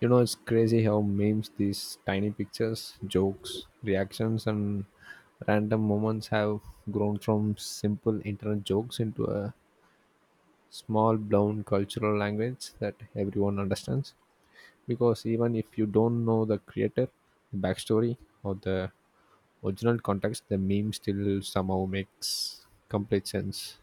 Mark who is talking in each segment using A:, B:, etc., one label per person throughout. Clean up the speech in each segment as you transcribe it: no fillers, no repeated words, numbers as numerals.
A: You know, it's crazy how memes, these tiny pictures, jokes, reactions, and random moments have grown from simple internet jokes into a small, blown cultural language that everyone understands. Because even if you don't know the creator, the backstory, or the original context, the meme still somehow makes complete sense.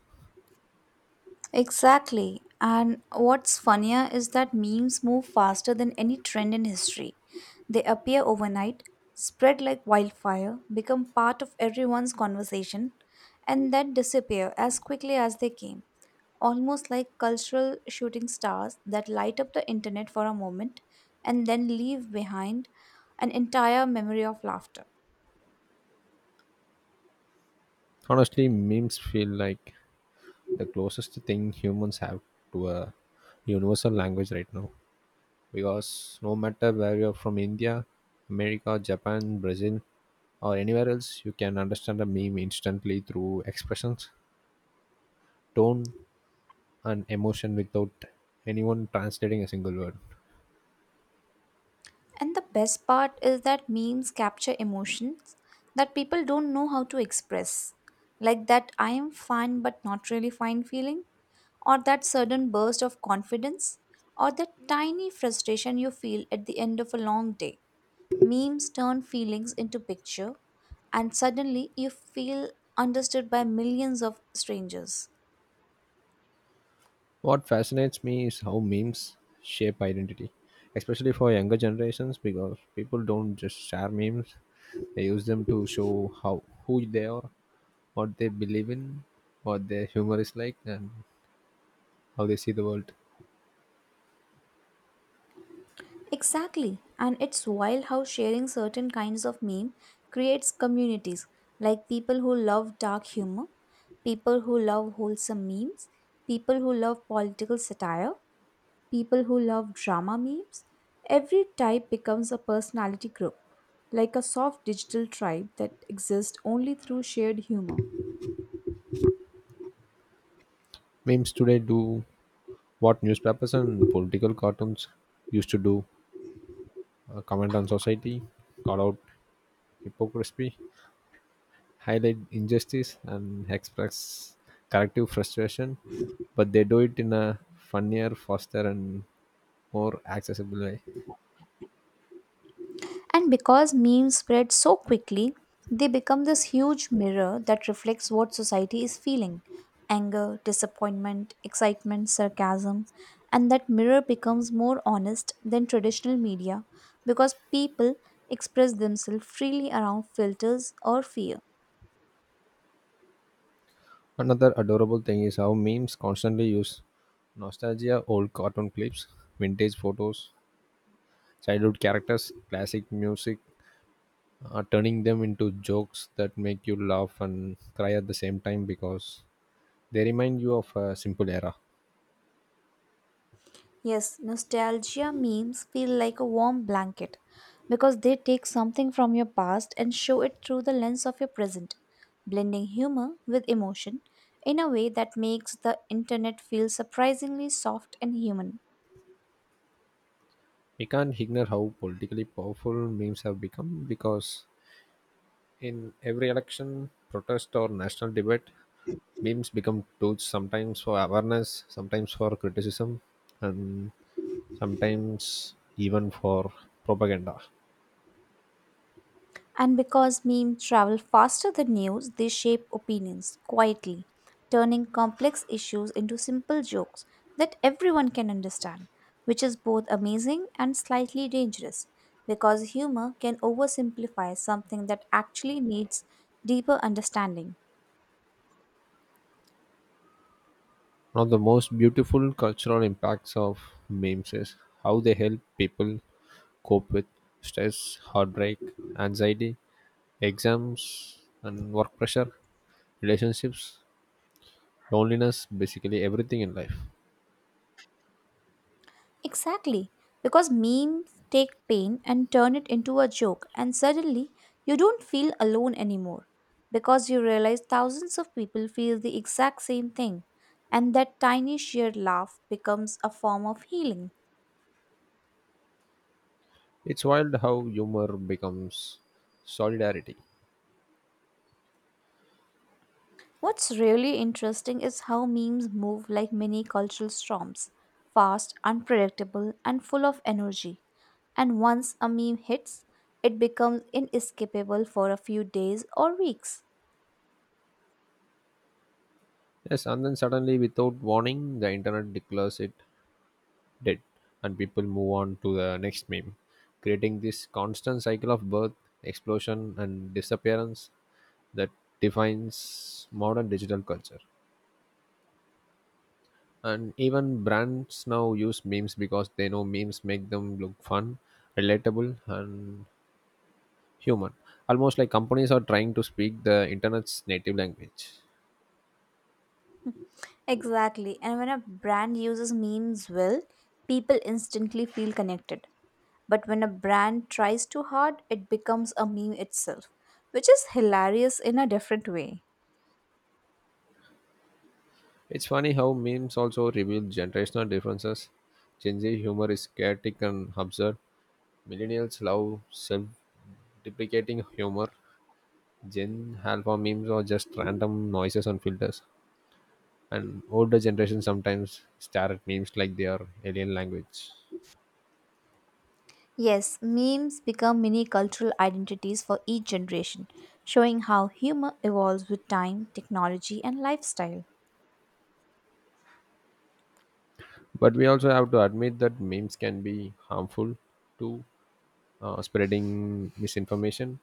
B: Exactly. And what's funnier is that memes move faster than any trend in history. They appear overnight, spread like wildfire, become part of everyone's conversation, and then disappear as quickly as they came. Almost like cultural shooting stars that light up the internet for a moment and then leave behind an entire memory of laughter.
A: Honestly, memes feel like the closest thing humans have to a universal language right now. Because no matter where you're from, India, America, Japan, Brazil, or anywhere else, you can understand a meme instantly through expressions, tone, and emotion without anyone translating a single word.
B: And the best part is that memes capture emotions that people don't know how to express. Like that I am fine but not really fine feeling, or that sudden burst of confidence, or that tiny frustration you feel at the end of a long day. Memes turn feelings into picture and suddenly you feel understood by millions of strangers.
A: What fascinates me is how memes shape identity, especially for younger generations, because people don't just share memes, they use them to show how who they are, what they believe in, what their humor is like, and how they see the world.
B: Exactly, and it's wild how sharing certain kinds of meme creates communities, like people who love dark humor, people who love wholesome memes, people who love political satire, people who love drama memes. Every type becomes a personality group, like a soft digital tribe that exists only through shared humor.
A: Memes today do what newspapers and political cartoons used to do, comment on society, call out hypocrisy, highlight injustice, and express collective frustration, but they do it in a funnier, faster, and more accessible way.
B: And because memes spread so quickly, they become this huge mirror that reflects what society is feeling anger, disappointment, excitement, sarcasm. And that mirror becomes more honest than traditional media because people express themselves freely around filters or fear.
A: Another adorable thing is how memes constantly use nostalgia, old cartoon clips, vintage photos, childhood characters, classic music, turning them into jokes that make you laugh and cry at the same time because they remind you of a simple era.
B: Yes, nostalgia memes feel like a warm blanket because they take something from your past and show it through the lens of your present, blending humor with emotion in a way that makes the internet feel surprisingly soft and human.
A: We can't ignore how politically powerful memes have become because in every election, protest, or national debate, memes become tools, sometimes for awareness, sometimes for criticism, and sometimes even for propaganda.
B: And because memes travel faster than news, they shape opinions quietly, turning complex issues into simple jokes that everyone can understand, which is both amazing and slightly dangerous because humor can oversimplify something that actually needs deeper understanding.
A: One of the most beautiful cultural impacts of memes is how they help people cope with stress, heartbreak, anxiety, exams and work pressure, relationships, loneliness, basically everything in life.
B: Exactly, because memes take pain and turn it into a joke, and suddenly you don't feel alone anymore because you realize thousands of people feel the exact same thing, and that tiny shared laugh becomes a form of healing.
A: It's wild how humor becomes solidarity.
B: What's really interesting is how memes move like mini cultural storms fast, unpredictable, and full of energy. And once a meme hits, it becomes inescapable for a few days or weeks.
A: Yes, and then suddenly, without warning, the internet declares it dead, and people move on to the next meme, creating this constant cycle of birth, explosion, and disappearance that defines modern digital culture. And even brands now use memes because they know memes make them look fun, relatable, and human, almost like companies are trying to speak the internet's native language.
B: Exactly. And when a brand uses memes well, people instantly feel connected. But when a brand tries too hard, it becomes a meme itself, which is hilarious in a different way.
A: It's funny how memes also reveal generational differences. Gen Z humor is chaotic and absurd, millennials love self-deprecating humor, Gen Alpha memes are just random noises and filters. And older generations sometimes stare at memes like they are alien language.
B: Yes, memes become mini cultural identities for each generation, showing how humor evolves with time, technology, and lifestyle.
A: But we also have to admit that memes can be harmful, to spreading misinformation,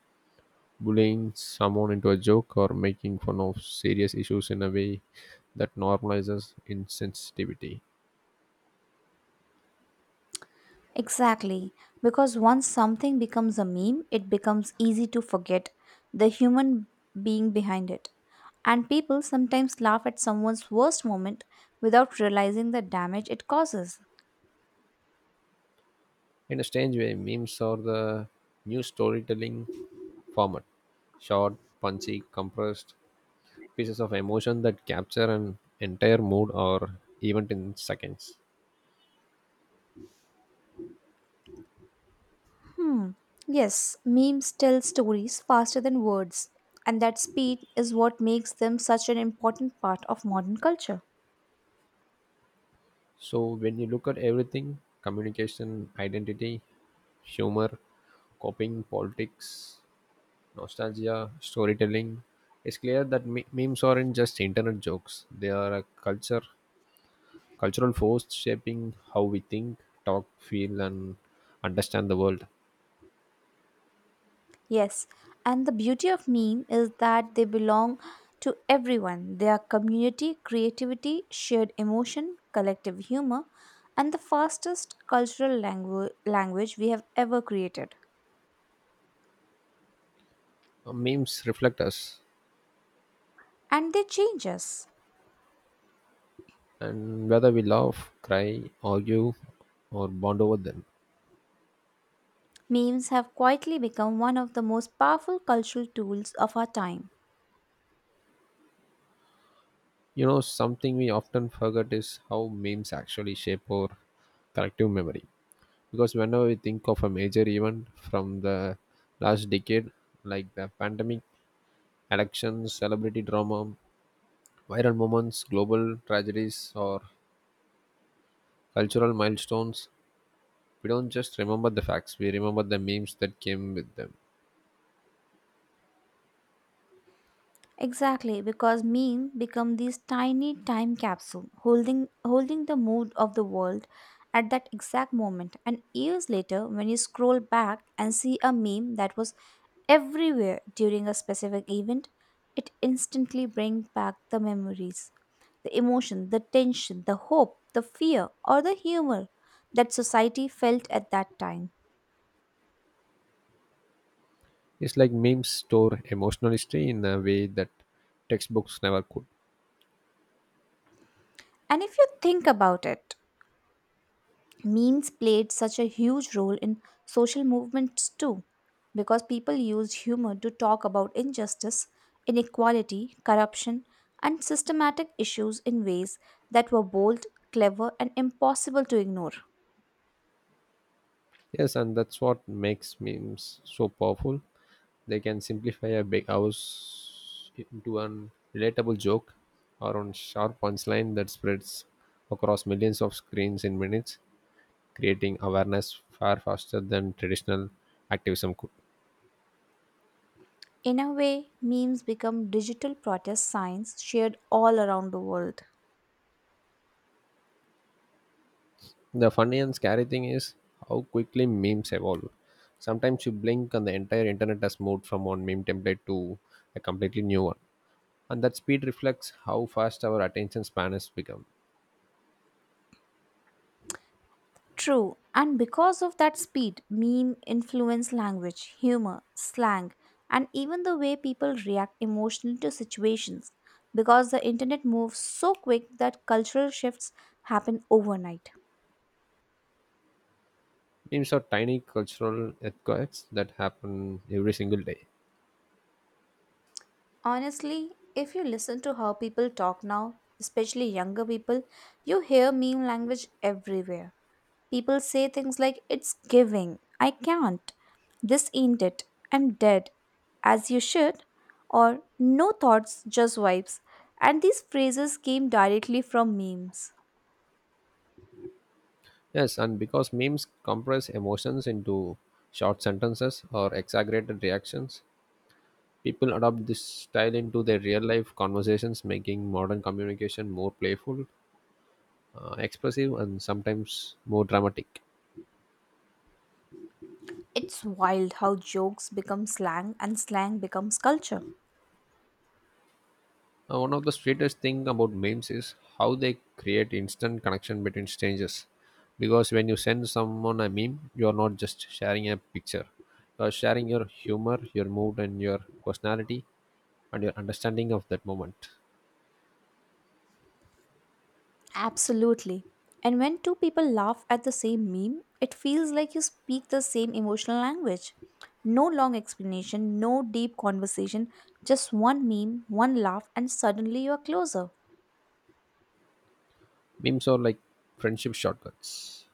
A: bullying someone into a joke, or making fun of serious issues in a way that normalizes insensitivity.
B: Exactly, because once something becomes a meme, it becomes easy to forget the human being behind it. And people sometimes laugh at someone's worst moment without realizing the damage it causes.
A: In a strange way, memes are the new storytelling format, short, punchy, compressed pieces of emotion that capture an entire mood or event in seconds.
B: Hmm. Yes, memes tell stories faster than words, and that speed is what makes them such an important part of modern culture.
A: So when you look at everything, communication, identity, humor, coping, politics, nostalgia, storytelling, it's clear that memes aren't just internet jokes. They are a culture, cultural force shaping how we think, talk, feel, and understand the world.
B: Yes, and the beauty of meme is that they belong to everyone. They are community, creativity, shared emotion, collective humor, and the fastest cultural language we have ever created.
A: Memes reflect us,
B: And they change us.
A: and whether we laugh, cry, argue, or bond over them.
B: Memes have quietly become one of the most powerful cultural tools of our time.
A: You know, something we often forget is how memes actually shape our collective memory. Because whenever we think of a major event from the last decade, like the pandemic, elections, celebrity drama, viral moments, global tragedies, or cultural milestones, we don't just remember the facts, we remember the memes that came with them.
B: Exactly, because meme become these tiny time capsule holding the mood of the world at that exact moment. And years later, when you scroll back and see a meme that was everywhere during a specific event, it instantly brings back the memories, the emotion, the tension, the hope, the fear, or the humor that society felt at that time.
A: It's like memes store emotional history in a way that textbooks never could.
B: And if you think about it, memes played such a huge role in social movements too, because people used humor to talk about injustice, inequality, corruption, and systematic issues in ways that were bold, clever, and impossible to ignore.
A: Yes, and that's what makes memes so powerful. They can simplify a big house into an relatable joke or on sharp punchline that spreads across millions of screens in minutes, creating awareness far faster than traditional activism could.
B: In a way, memes become digital protest signs shared all around the world.
A: The funny and scary thing is how quickly memes evolve. Sometimes you blink and the entire internet has moved from one meme template to a completely new one. And that speed reflects how fast our attention span has become.
B: True, and because of that speed, meme influence language, humor, slang, and even the way people react emotionally to situations because the internet moves so quick that cultural shifts happen overnight.
A: Memes are tiny cultural earthquakes that happen every single day.
B: Honestly, if you listen to how people talk now, especially younger people, you hear meme language everywhere. People say things like, "It's giving," "I can't," "this ain't it," "I'm dead," "as you should," or "no thoughts, just vibes." And these phrases came directly from memes.
A: Yes, and because memes compress emotions into short sentences or exaggerated reactions, people adopt this style into their real life conversations, making modern communication more playful, expressive, and sometimes more dramatic.
B: It's wild how jokes become slang and slang becomes culture.
A: One of the sweetest thing about memes is how they create instant connection between strangers. Because when you send someone a meme, you are not just sharing a picture. You are sharing your humor, your mood, and your personality, and your understanding of that moment.
B: Absolutely. And when two people laugh at the same meme, it feels like you speak the same emotional language. No long explanation, no deep conversation, just one meme, one laugh, and suddenly you are closer.
A: Memes are like friendship shortcuts.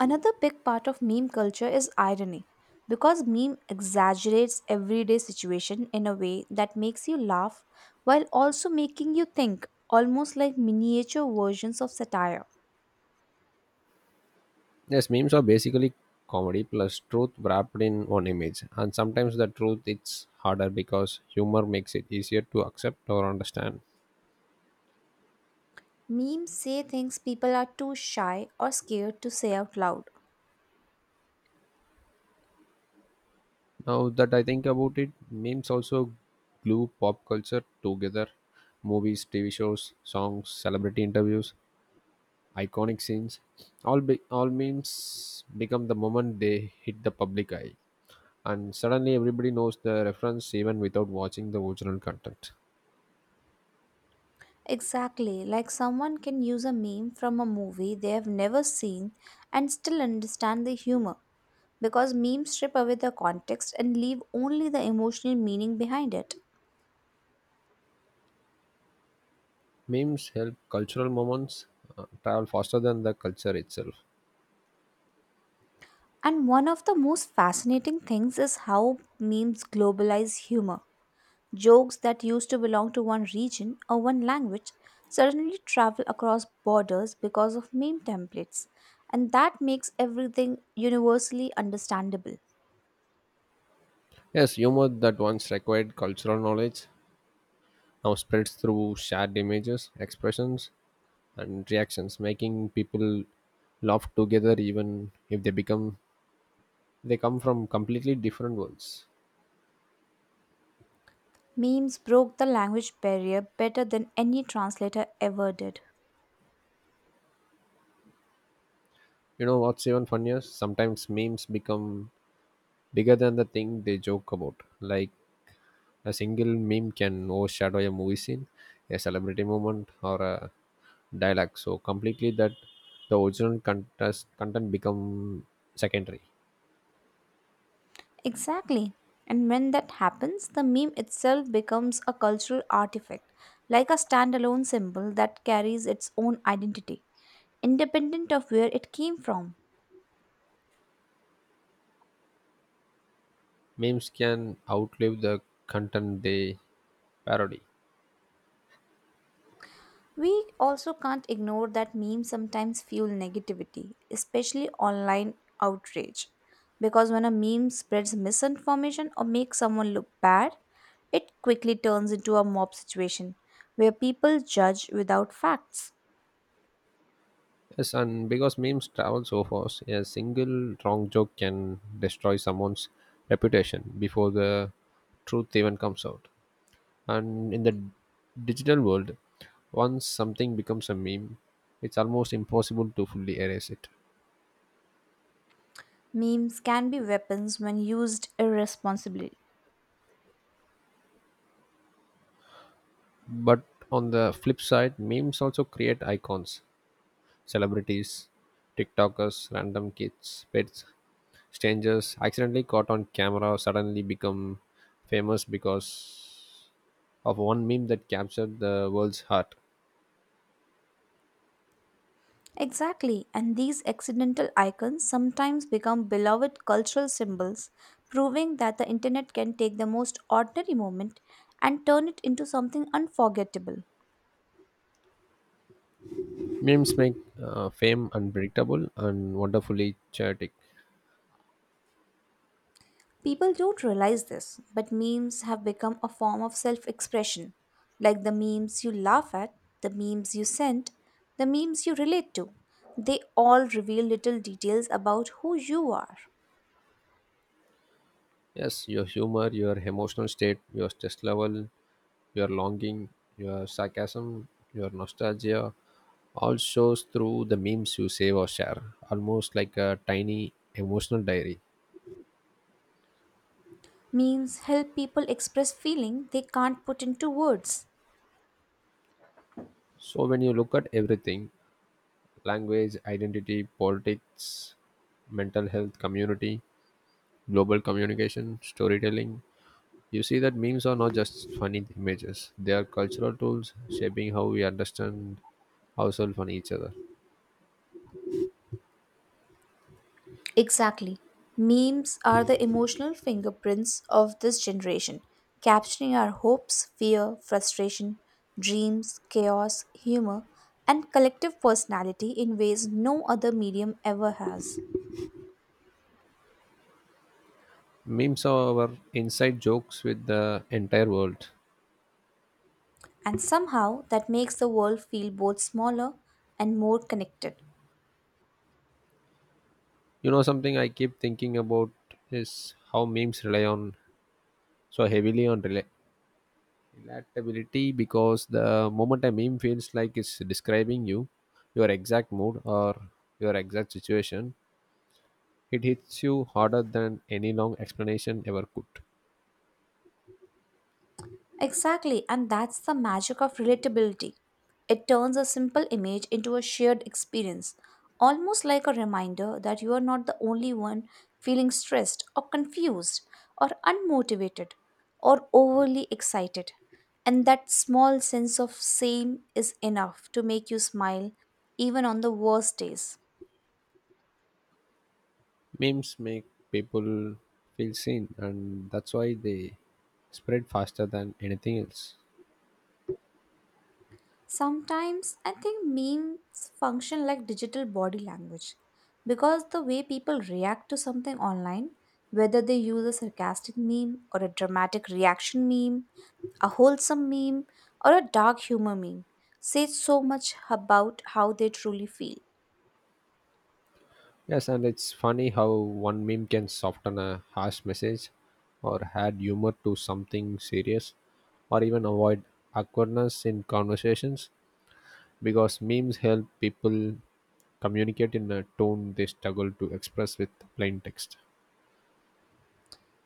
B: Another big part of meme culture is irony because meme exaggerates everyday situation in a way that makes you laugh while also making you think almost like miniature versions of satire.
A: Yes, memes are basically comedy plus truth wrapped in one image. And sometimes the truth it's harder because humor makes it easier to accept or understand.
B: Memes say things people are too shy or scared to say out loud.
A: Now that I think about it, memes also glue pop culture together. Movies, TV shows, songs, celebrity interviews, iconic scenes. All memes become the moment they hit the public eye. And suddenly everybody knows the reference even without watching the original content.
B: Exactly, like someone can use a meme from a movie they have never seen and still understand the humor because memes strip away the context and leave only the emotional meaning behind it.
A: Memes help cultural moments travel faster than the culture itself.
B: And one of the most fascinating things is how memes globalize humor. Jokes that used to belong to one region or one language suddenly travel across borders because of meme templates, and that makes everything universally understandable.
A: Yes, humor that once required cultural knowledge now spreads through shared images, expressions, and reactions, making people laugh together even if they become they come from completely different worlds.
B: Memes broke the language barrier better than any translator ever did.
A: You know what's even funnier? Sometimes memes become bigger than the thing they joke about. Like a single meme can overshadow a movie scene, a celebrity moment, or a dialogue so completely that the original contest, content become secondary.
B: Exactly. And when that happens, the meme itself becomes a cultural artifact, like a standalone symbol that carries its own identity, independent of where it came from.
A: Memes can outlive the content they parody.
B: We also can't ignore that memes sometimes fuel negativity, especially online outrage. Because when a meme spreads misinformation or makes someone look bad, it quickly turns into a mob situation where people judge without facts.
A: Yes, and because memes travel so fast, a single wrong joke can destroy someone's reputation before the truth even comes out. And in the digital world, once something becomes a meme, it's almost impossible to fully erase it.
B: Memes can be weapons when used irresponsibly.
A: But on the flip side, memes also create icons. Celebrities, TikTokers, random kids, pets, strangers accidentally caught on camera suddenly become famous because of one meme that captured the world's heart.
B: Exactly, and these accidental icons sometimes become beloved cultural symbols, proving that the internet can take the most ordinary moment and turn it into something unforgettable.
A: Memes make fame unpredictable and wonderfully chaotic.
B: People don't realize this, but memes have become a form of self expression, like the memes you laugh at, the memes you send, the memes you relate to. They all reveal little details about who you are.
A: Yes, your humor, your emotional state, your stress level, your longing, your sarcasm, your nostalgia all shows through the memes you save or share, almost like a tiny emotional diary.
B: Memes help people express feeling they can't put into words.
A: So when you look at everything, language, identity, politics, mental health, community, global communication, storytelling, you see that memes are not just funny images, they are cultural tools shaping how we understand ourselves and each other.
B: Exactly. Memes are the emotional fingerprints of this generation, capturing our hopes, fear, frustration, dreams, chaos, humor, and collective personality in ways no other medium ever has.
A: Memes are our inside jokes with the entire world.
B: And somehow that makes the world feel both smaller and more connected.
A: You know, something I keep thinking about is how memes rely on so heavily on electability because the moment a meme feels like it's describing you, your exact mood or your exact situation, it hits you harder than any long explanation ever could.
B: Exactly, and that's the magic of relatability. It turns a simple image into a shared experience, almost like a reminder that you are not the only one feeling stressed or confused or unmotivated or overly excited. And that small sense of same is enough to make you smile even on the worst days.
A: Memes make people feel seen, and that's why they spread faster than anything else.
B: Sometimes I think memes function like digital body language because the way people react to something online, whether they use a sarcastic meme or a dramatic reaction meme, a wholesome meme, or a dark humor meme, says so much about how they truly feel.
A: Yes, and it's funny how one meme can soften a harsh message or add humor to something serious or even avoid awkwardness in conversations, because memes help people communicate in a tone they struggle to express with plain text.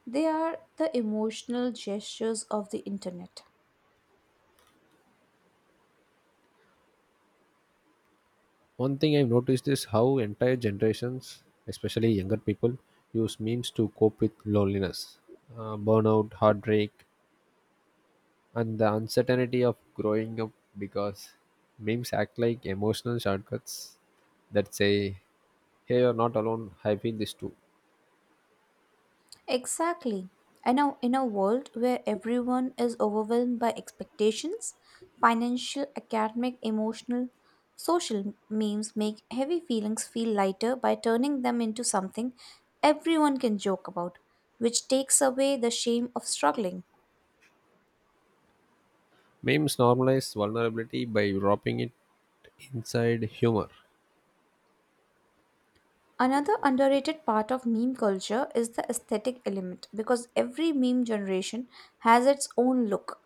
B: They are the emotional gestures of the internet.
A: One thing I've noticed is how entire generations, especially younger people, use memes to cope with loneliness, burnout, heartbreak, and the uncertainty of growing up, because memes act like emotional shortcuts that say, "Hey, you're not alone, I feel this too."
B: Exactly. And now, in a world where everyone is overwhelmed by expectations, financial, academic, emotional, social memes make heavy feelings feel lighter by turning them into something everyone can joke about, which takes away the shame of struggling.
A: Memes normalize vulnerability by wrapping it inside humor.
B: Another underrated part of meme culture is the aesthetic element because every meme generation has its own look.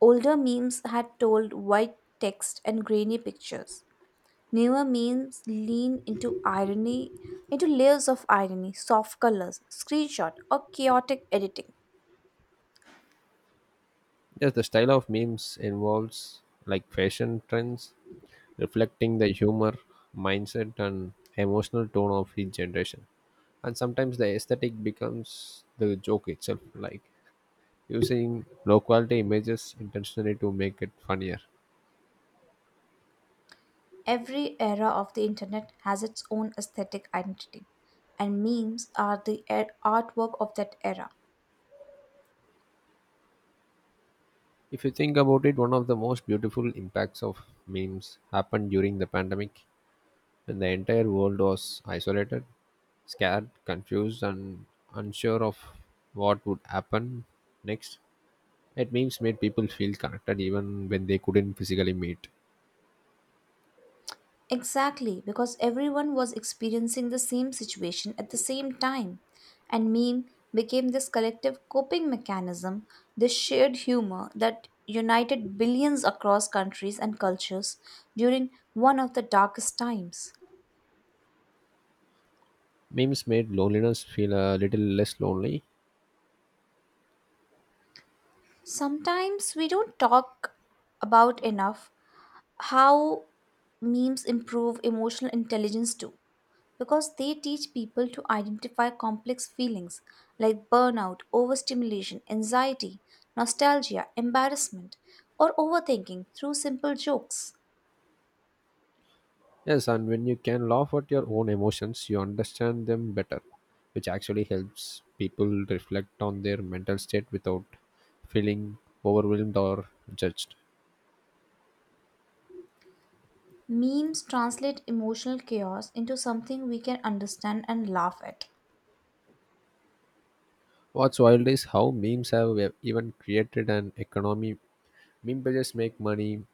B: Older memes had told white text and grainy pictures. Newer memes lean into irony, into layers of irony, soft colors, screenshot, or chaotic editing.
A: Yes, the style of memes involves like fashion trends, reflecting the humor, mindset, and emotional tone of each generation. And sometimes the aesthetic becomes the joke itself, like using low quality images intentionally to make it funnier.
B: Every era of the internet has its own aesthetic identity, and memes are the artwork of that era.
A: If you think about it, one of the most beautiful impacts of memes happened during the pandemic when the entire world was isolated, scared, confused, and unsure of what would happen next. It memes made people feel connected even when they couldn't physically meet.
B: Exactly, because everyone was experiencing the same situation at the same time. And meme became this collective coping mechanism, this shared humor that united billions across countries and cultures during one of the darkest times.
A: Memes made loneliness feel a little less lonely.
B: Sometimes we don't talk about enough how memes improve emotional intelligence too, because they teach people to identify complex feelings like burnout, overstimulation, anxiety, nostalgia, embarrassment, or overthinking through simple jokes.
A: Yes, and when you can laugh at your own emotions, you understand them better, which actually helps people reflect on their mental state without feeling overwhelmed or judged.
B: Memes translate emotional chaos into something we can understand and laugh at.
A: What's wild is how memes have even created an economy. Meme pages make money,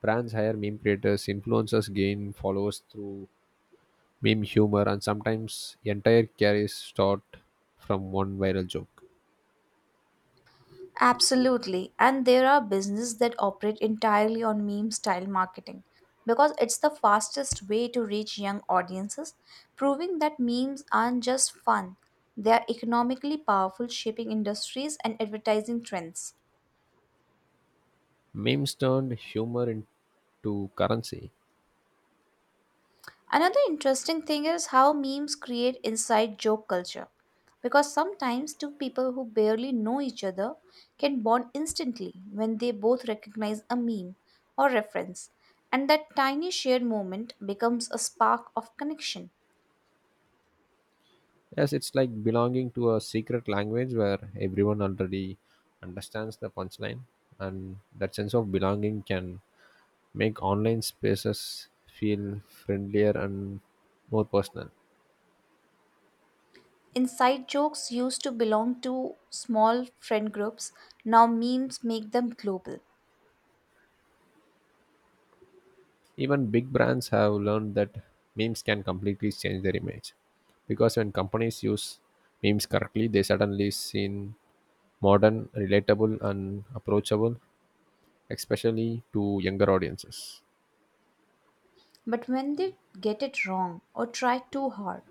A: brands hire meme creators, influencers gain followers through meme humor, and sometimes entire careers start from one viral joke.
B: Absolutely. And there are businesses that operate entirely on meme style marketing because it's the fastest way to reach young audiences, proving that memes aren't just fun, they are economically powerful, shaping industries and advertising trends.
A: Memes turned humor into currency.
B: Another interesting thing is how memes create inside joke culture. Because sometimes two people who barely know each other can bond instantly when they both recognize a meme or reference, and that tiny shared moment becomes a spark of connection.
A: Yes, it's like belonging to a secret language where everyone already understands the punchline, and that sense of belonging can make online spaces feel friendlier and more personal.
B: Inside jokes used to belong to small friend groups, now memes make them global.
A: Even big brands have learned that memes can completely change their image, because when companies use memes correctly, they suddenly seem modern, relatable, and approachable, especially to younger audiences.
B: But when they get it wrong or try too hard,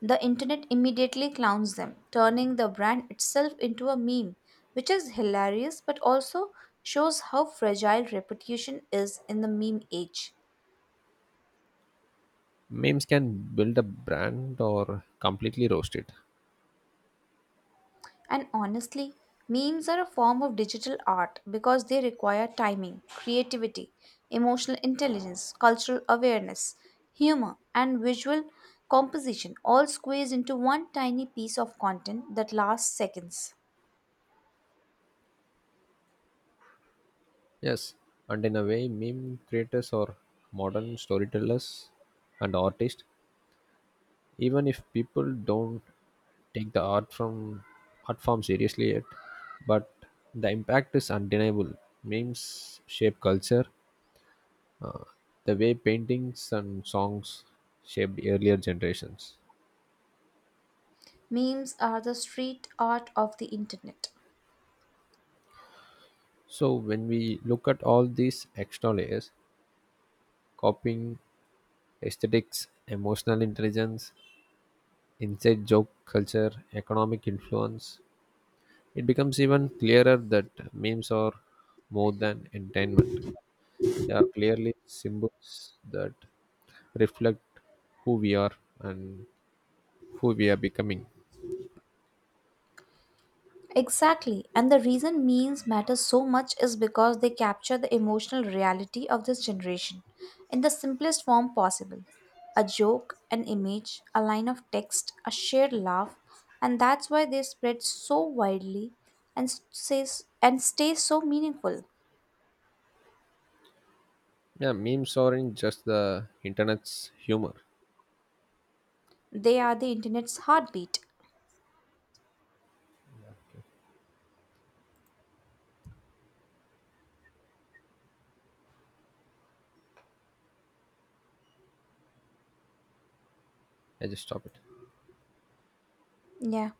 B: the internet immediately clowns them, turning the brand itself into a meme, which is hilarious but also shows how fragile reputation is in the meme age.
A: Memes can build a brand or completely roast it.
B: And honestly, memes are a form of digital art because they require timing, creativity, emotional intelligence, cultural awareness, humor, and visual composition all squeezed into one tiny piece of content that lasts seconds.
A: Yes, and in a way, meme creators are modern storytellers and artists, even if people don't take the art from art form seriously yet. But the impact is undeniable. Memes shape culture, the way paintings and songs shaped earlier generations.
B: Memes are the street art of the internet.
A: So when we look at all these extra layers, copying, aesthetics, emotional intelligence, inside joke culture, economic influence, it becomes even clearer that memes are more than entertainment. They are clearly symbols that reflect who we are and who we are becoming.
B: Exactly, and the reason memes matter so much is because they capture the emotional reality of this generation in the simplest form possible. A joke, an image, a line of text, a shared laugh, and that's why they spread so widely and stay so meaningful.
A: Yeah, memes aren't just the internet's humor.
B: They are the internet's heartbeat.
A: I just stop it.
B: Yeah.